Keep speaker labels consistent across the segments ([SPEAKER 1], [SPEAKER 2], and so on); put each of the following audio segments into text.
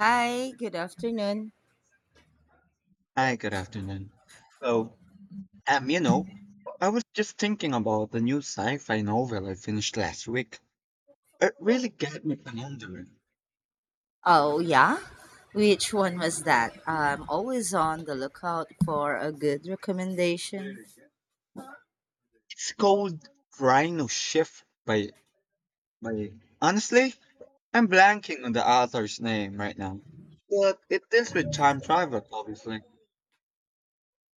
[SPEAKER 1] Hi, good afternoon.
[SPEAKER 2] Hi, good afternoon. So, um, you know, I was just thinking about the new sci-fi novel I finished last week. It really got me pondering.
[SPEAKER 1] Oh, yeah? Which one was that? I'm always on the lookout for a good recommendation.
[SPEAKER 2] It's called Rhino Shift by, honestly, I'm blanking on the author's name right now. But it deals with time travel, obviously.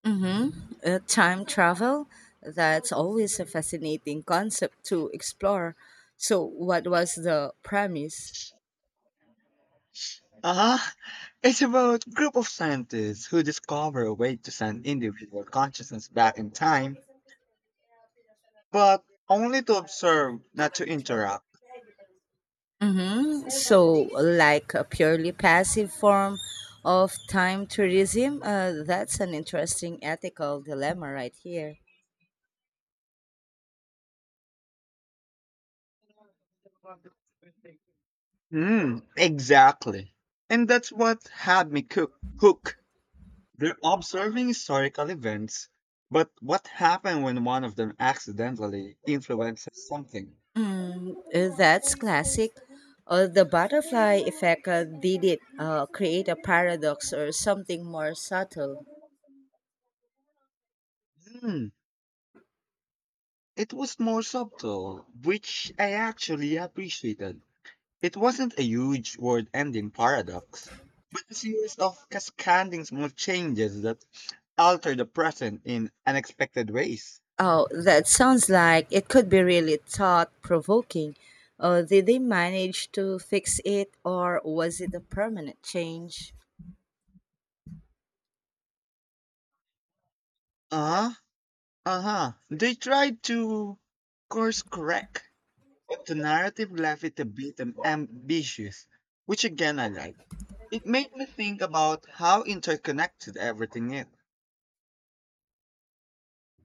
[SPEAKER 1] Mm-hmm. Time travel? That's always a fascinating concept to explore. So, what was the premise?
[SPEAKER 2] Uh-huh. It's about group of scientists who discover a way to send individual consciousness back in time, but only to observe, not to interact.
[SPEAKER 1] Mm-hmm. So, like a purely passive form of time tourism? That's an interesting ethical dilemma right here.
[SPEAKER 2] Mm, exactly. And that's what had me hook. They're observing historical events, but what happened when one of them accidentally influences something?
[SPEAKER 1] That's classic. The butterfly effect, did it create a paradox or something more subtle?
[SPEAKER 2] Mm, it was more subtle, which I actually appreciated. It wasn't a huge word ending paradox, but a series of cascading small changes that alter the present in unexpected ways.
[SPEAKER 1] Oh, that sounds like it could be really thought provoking. Did they manage to fix it or was it a permanent change?
[SPEAKER 2] Uh huh. Uh-huh. They tried to course correct, but the narrative left it a bit ambitious, which again I like. It made me think about how interconnected everything is.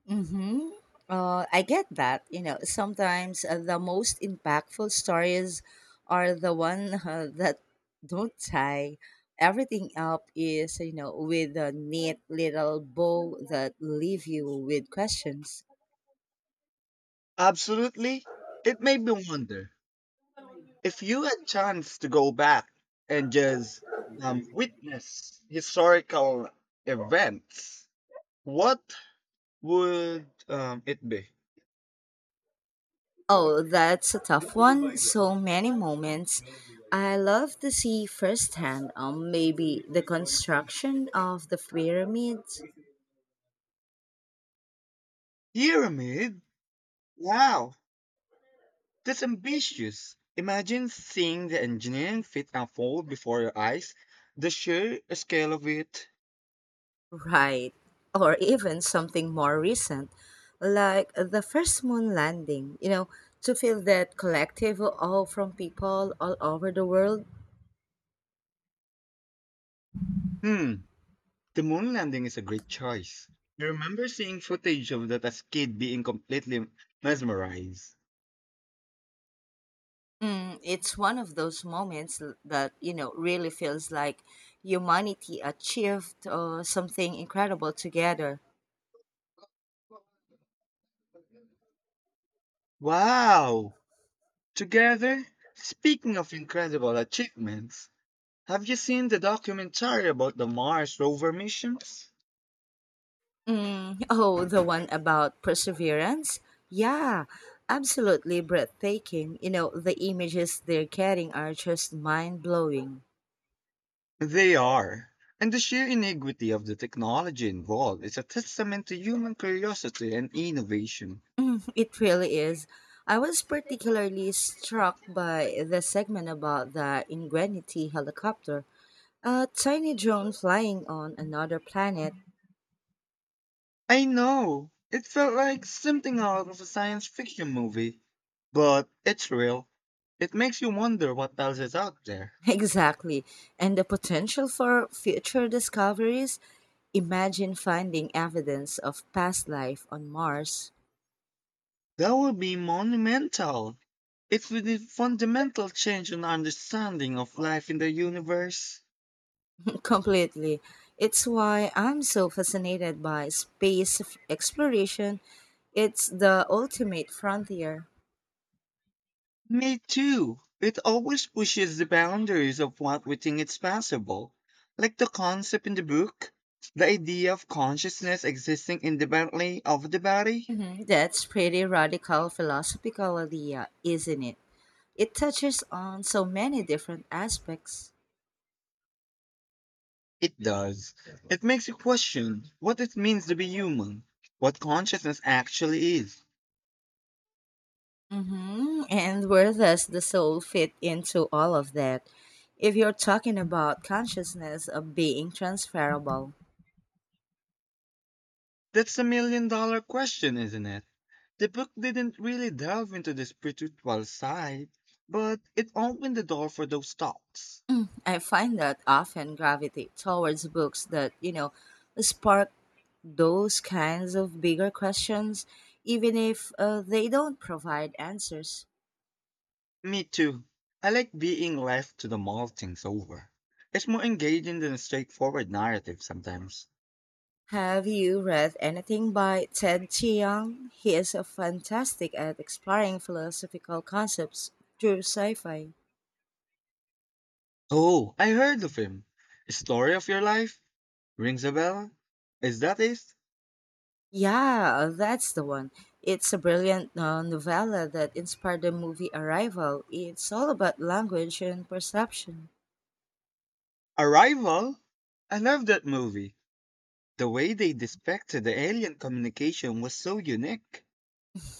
[SPEAKER 1] Mm-hmm. I get that. You know, sometimes the most impactful stories are the one that don't tie everything up is, you know, with a neat little bow that leave you with questions.
[SPEAKER 2] Absolutely. It made me wonder if you had chance to go back and just witness historical events, what would it be?
[SPEAKER 1] Oh, that's a tough one. So many moments. I love to see firsthand maybe the construction of the pyramid.
[SPEAKER 2] Pyramid? Wow, that's ambitious. Imagine seeing the engineering fit unfold before your eyes, the sheer scale of it.
[SPEAKER 1] Right. Or even something more recent, like the first moon landing, you know, to feel that collective awe from people all over the world.
[SPEAKER 2] Hmm, the moon landing is a great choice. I remember seeing footage of that as kid being completely mesmerized.
[SPEAKER 1] Mm, it's one of those moments that, you know, really feels like humanity achieved something incredible together.
[SPEAKER 2] Wow! Together, speaking of incredible achievements, have you seen the documentary about the Mars rover missions?
[SPEAKER 1] Mm, oh, the one about perseverance? Yeah, absolutely breathtaking. You know, the images they're getting are just mind blowing.
[SPEAKER 2] They are. And the sheer ingenuity of the technology involved is a testament to human curiosity and innovation.
[SPEAKER 1] It really is. I was particularly struck by the segment about the Ingenuity helicopter, a tiny drone flying on another planet.
[SPEAKER 2] I know, it felt like something out of a science fiction movie, but it's real. It makes you wonder what else is out there.
[SPEAKER 1] Exactly. And the potential for future discoveries. Imagine finding evidence of past life on Mars.
[SPEAKER 2] That would be monumental. It would be fundamental change in our understanding of life in the universe.
[SPEAKER 1] Completely. It's why I'm so fascinated by exploration. It's the ultimate frontier.
[SPEAKER 2] Me too. It always pushes the boundaries of what we think is possible. Like the concept in the book, the idea of consciousness existing independently of the body.
[SPEAKER 1] Mhm. That's pretty radical philosophical idea, isn't it? It touches on so many different aspects.
[SPEAKER 2] It does. It makes you question what it means to be human, what consciousness actually is.
[SPEAKER 1] Hmm. And where does the soul fit into all of that? If you're talking about consciousness of being transferable,
[SPEAKER 2] That's a million dollar question, isn't it? The book didn't really delve into the spiritual side, but it opened the door for those thoughts.
[SPEAKER 1] I find that often gravitate towards books that, you know, spark those kinds of bigger questions, even if they don't provide answers.
[SPEAKER 2] Me too. I like being left to the mull things over. It's more engaging than a straightforward narrative sometimes.
[SPEAKER 1] Have you read anything by Ted Chiang? He is a fantastic at exploring philosophical concepts through sci-fi.
[SPEAKER 2] Oh, I heard of him. Story of Your Life? Rings a bell? Is that it?
[SPEAKER 1] Yeah, that's the one. It's a brilliant novella that inspired the movie Arrival. It's all about language and perception.
[SPEAKER 2] Arrival? I love that movie. The way they depicted the alien communication was so unique.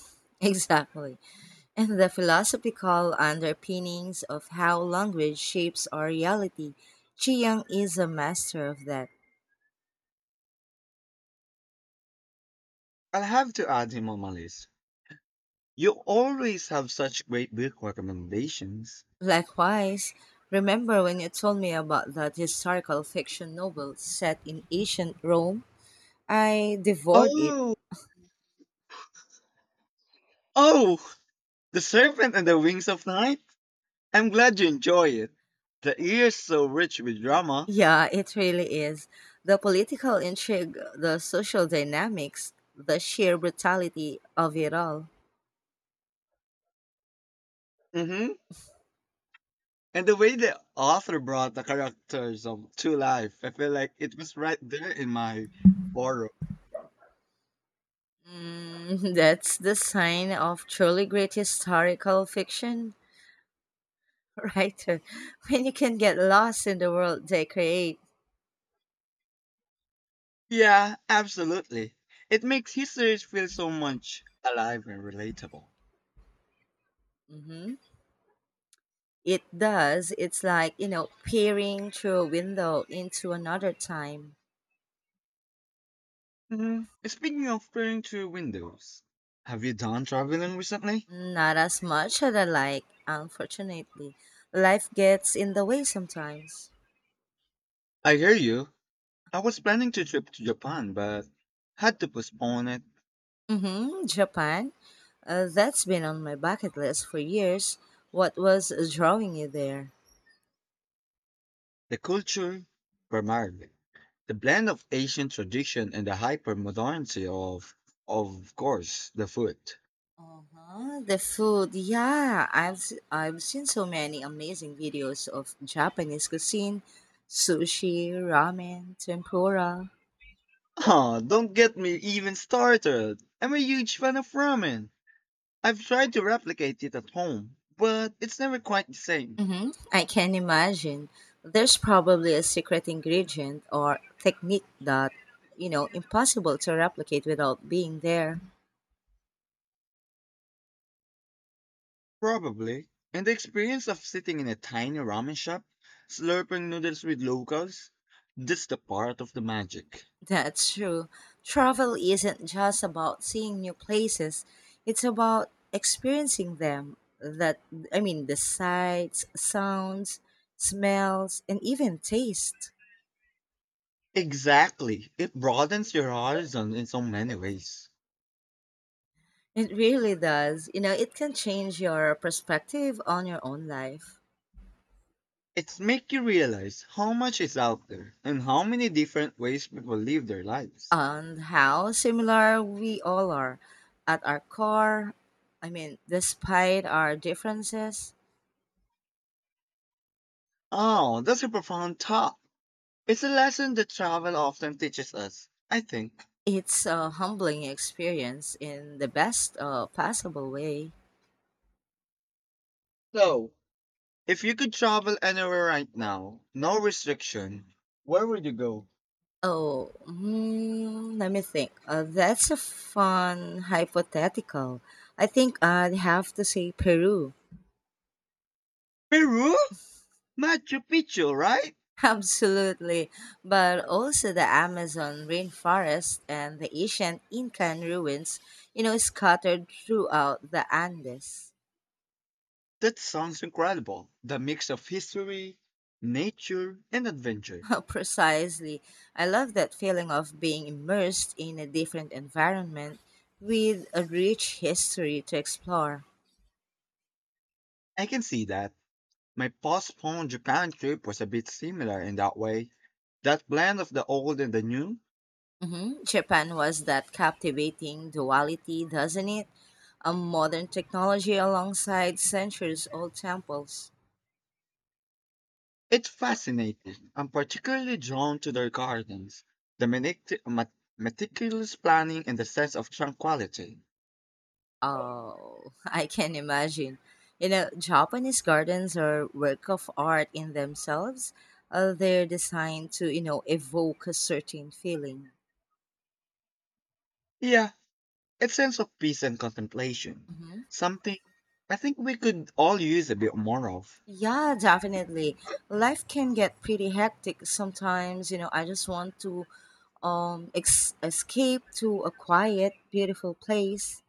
[SPEAKER 1] Exactly. And the philosophical underpinnings of how language shapes our reality. Chiang is a master of that.
[SPEAKER 2] I'll have to add him on my list. You always have such great book recommendations.
[SPEAKER 1] Likewise, remember when you told me about that historical fiction novel set in ancient Rome? I devoured it.
[SPEAKER 2] Oh, oh, The Serpent and the Wings of Night? I'm glad you enjoy it. The year's so rich with drama.
[SPEAKER 1] Yeah, it really is. The political intrigue, the social dynamics, the sheer brutality of it all.
[SPEAKER 2] Hmm. And the way the author brought the characters of to life, I feel like it was right there in my borrow.
[SPEAKER 1] Mm, that's the sign of truly great historical fiction writer when you can get lost in the world they create.
[SPEAKER 2] Yeah, absolutely. It makes history feel so much alive and relatable.
[SPEAKER 1] Mhm. It does. It's like, you know, peering through a window into another time.
[SPEAKER 2] Hmm. Speaking of peering through windows, have you done traveling recently?
[SPEAKER 1] Not as much as I like, unfortunately. Life gets in the way sometimes.
[SPEAKER 2] I hear you. I was planning to trip to Japan, but had to postpone it.
[SPEAKER 1] Mm-hmm. Japan. That's been on my bucket list for years. What was drawing you there?
[SPEAKER 2] The culture, primarily. The blend of ancient tradition and the hyper modernity of course, the food.
[SPEAKER 1] Uh-huh, the food, yeah. I've seen so many amazing videos of Japanese cuisine, sushi, ramen, tempura.
[SPEAKER 2] Oh, don't get me even started. I'm a huge fan of ramen. I've tried to replicate it at home, but it's never quite the same.
[SPEAKER 1] Hmm. I can imagine there's probably a secret ingredient or technique that, you know, impossible to replicate without being there.
[SPEAKER 2] Probably. And the experience of sitting in a tiny ramen shop, slurping noodles with locals, that's the part of the magic.
[SPEAKER 1] That's true. Travel isn't just about seeing new places, it's about experiencing them. That, I mean, the sights, sounds, smells, and even taste.
[SPEAKER 2] Exactly. It broadens your horizon in so many ways.
[SPEAKER 1] It really does. You know, it can change your perspective on your own life.
[SPEAKER 2] It's make you realize how much is out there and how many different ways people live their lives.
[SPEAKER 1] And how similar we all are. At our core, I mean, despite our differences,
[SPEAKER 2] Oh, that's a profound thought. It's a lesson that travel often teaches us, I think.
[SPEAKER 1] it's a humbling experience in the best possible way.
[SPEAKER 2] So, if you could travel anywhere right now, no restriction, where would you go?
[SPEAKER 1] Oh, hmm, let me think. That's a fun hypothetical. I think I'd have to say Peru.
[SPEAKER 2] Peru? Machu Picchu, right?
[SPEAKER 1] Absolutely, but also the Amazon rainforest and the ancient Incan ruins, you know, scattered throughout the Andes.
[SPEAKER 2] That sounds incredible. The mix of history, nature, and adventure.
[SPEAKER 1] Precisely. I love that feeling of being immersed in a different environment with a rich history to explore.
[SPEAKER 2] I can see that. My postponed Japan trip was a bit similar in that way. That blend of the old and the new,
[SPEAKER 1] Hmm. Japan was that captivating duality, doesn't it? A modern technology alongside centuries old temples.
[SPEAKER 2] it's fascinating. I'm particularly drawn to their gardens, the meticulous planning and the sense of tranquility.
[SPEAKER 1] Oh, I can imagine. You know, Japanese gardens are work of art in themselves. They're designed to, you know, evoke a certain feeling.
[SPEAKER 2] Yeah, a sense of peace and contemplation.
[SPEAKER 1] Hmm.
[SPEAKER 2] Something I think we could all use a bit more of.
[SPEAKER 1] Yeah, definitely. Life can get pretty hectic sometimes. You know, I just want to escape to a quiet, beautiful place.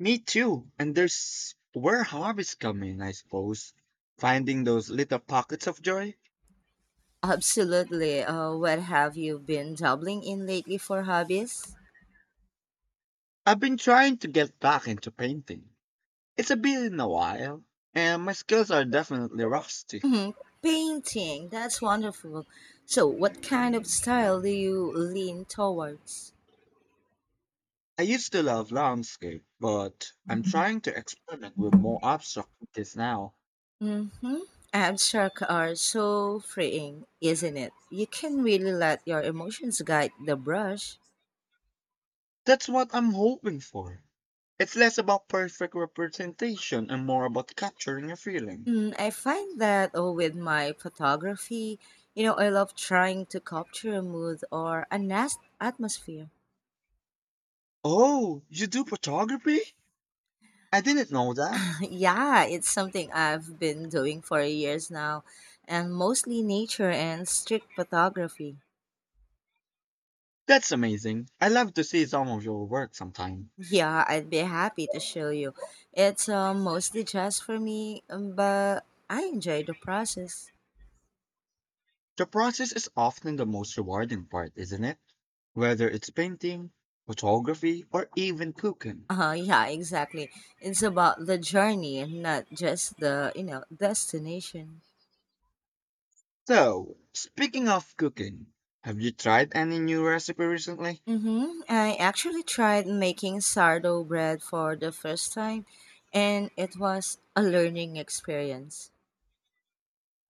[SPEAKER 2] Me too. And there's where harvests come in, I suppose. Finding those little pockets of joy.
[SPEAKER 1] Absolutely. What have you been dabbling in lately for hobbies?
[SPEAKER 2] I've been trying to get back into painting. It's a been a while, and my skills are definitely rusty.
[SPEAKER 1] Mhm. Painting, that's wonderful. So, what kind of style do you lean towards?
[SPEAKER 2] I used to love landscape, but I'm trying to experiment with more abstract pieces now.
[SPEAKER 1] Mm-hmm. Abstract are so freeing, isn't it? You can really let your emotions guide the brush.
[SPEAKER 2] That's what I'm hoping for. It's less about perfect representation and more about capturing a feeling.
[SPEAKER 1] I find that oh, with my photography, you know, I love trying to capture a mood or atmosphere.
[SPEAKER 2] Oh, you do photography? I didn't know that.
[SPEAKER 1] Yeah, it's something I've been doing for years now, and mostly nature and street photography.
[SPEAKER 2] That's amazing. I love to see some of your work sometime.
[SPEAKER 1] Yeah, I'd be happy to show you. It's mostly just for me, but I enjoy the process.
[SPEAKER 2] The process is often the most rewarding part, isn't it? Whether it's painting, photography, or even cooking.
[SPEAKER 1] Yeah, exactly. It's about the journey and not just the, you know, destination.
[SPEAKER 2] So, speaking of cooking, have you tried any new recipe recently?
[SPEAKER 1] Mm-hmm. I actually tried making sourdough bread for the first time, and it was a learning experience.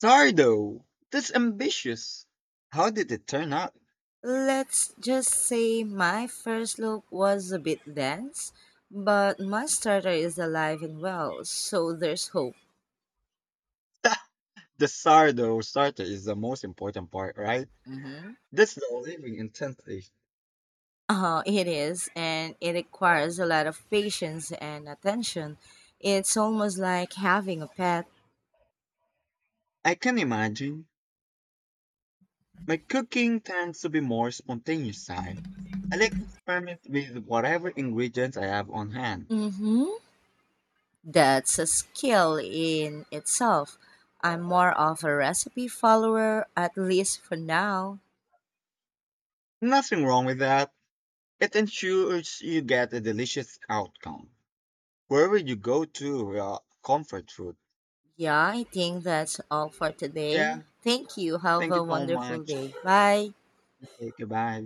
[SPEAKER 2] Sardo! That's ambitious! How did it turn out?
[SPEAKER 1] Let's just say my first look was a bit dense, but my starter is alive and well, so there's hope.
[SPEAKER 2] The sardo starter is the most important part, right?
[SPEAKER 1] Mm-hmm.
[SPEAKER 2] That's the living intensity.
[SPEAKER 1] It is, and it requires a lot of patience and attention. It's almost like having a pet.
[SPEAKER 2] I can imagine. My cooking tends to be more spontaneous side. I like to experiment with whatever ingredients I have on hand.
[SPEAKER 1] Mm-hmm. That's a skill in itself. I'm more of a recipe follower, at least for now.
[SPEAKER 2] Nothing wrong with that. It ensures you get a delicious outcome. Wherever you go to comfort food.
[SPEAKER 1] Yeah, I think that's all for today.
[SPEAKER 2] Yeah.
[SPEAKER 1] Thank you. Have
[SPEAKER 2] Thank
[SPEAKER 1] a
[SPEAKER 2] you so
[SPEAKER 1] wonderful
[SPEAKER 2] much.
[SPEAKER 1] day. Bye.
[SPEAKER 2] Okay, goodbye.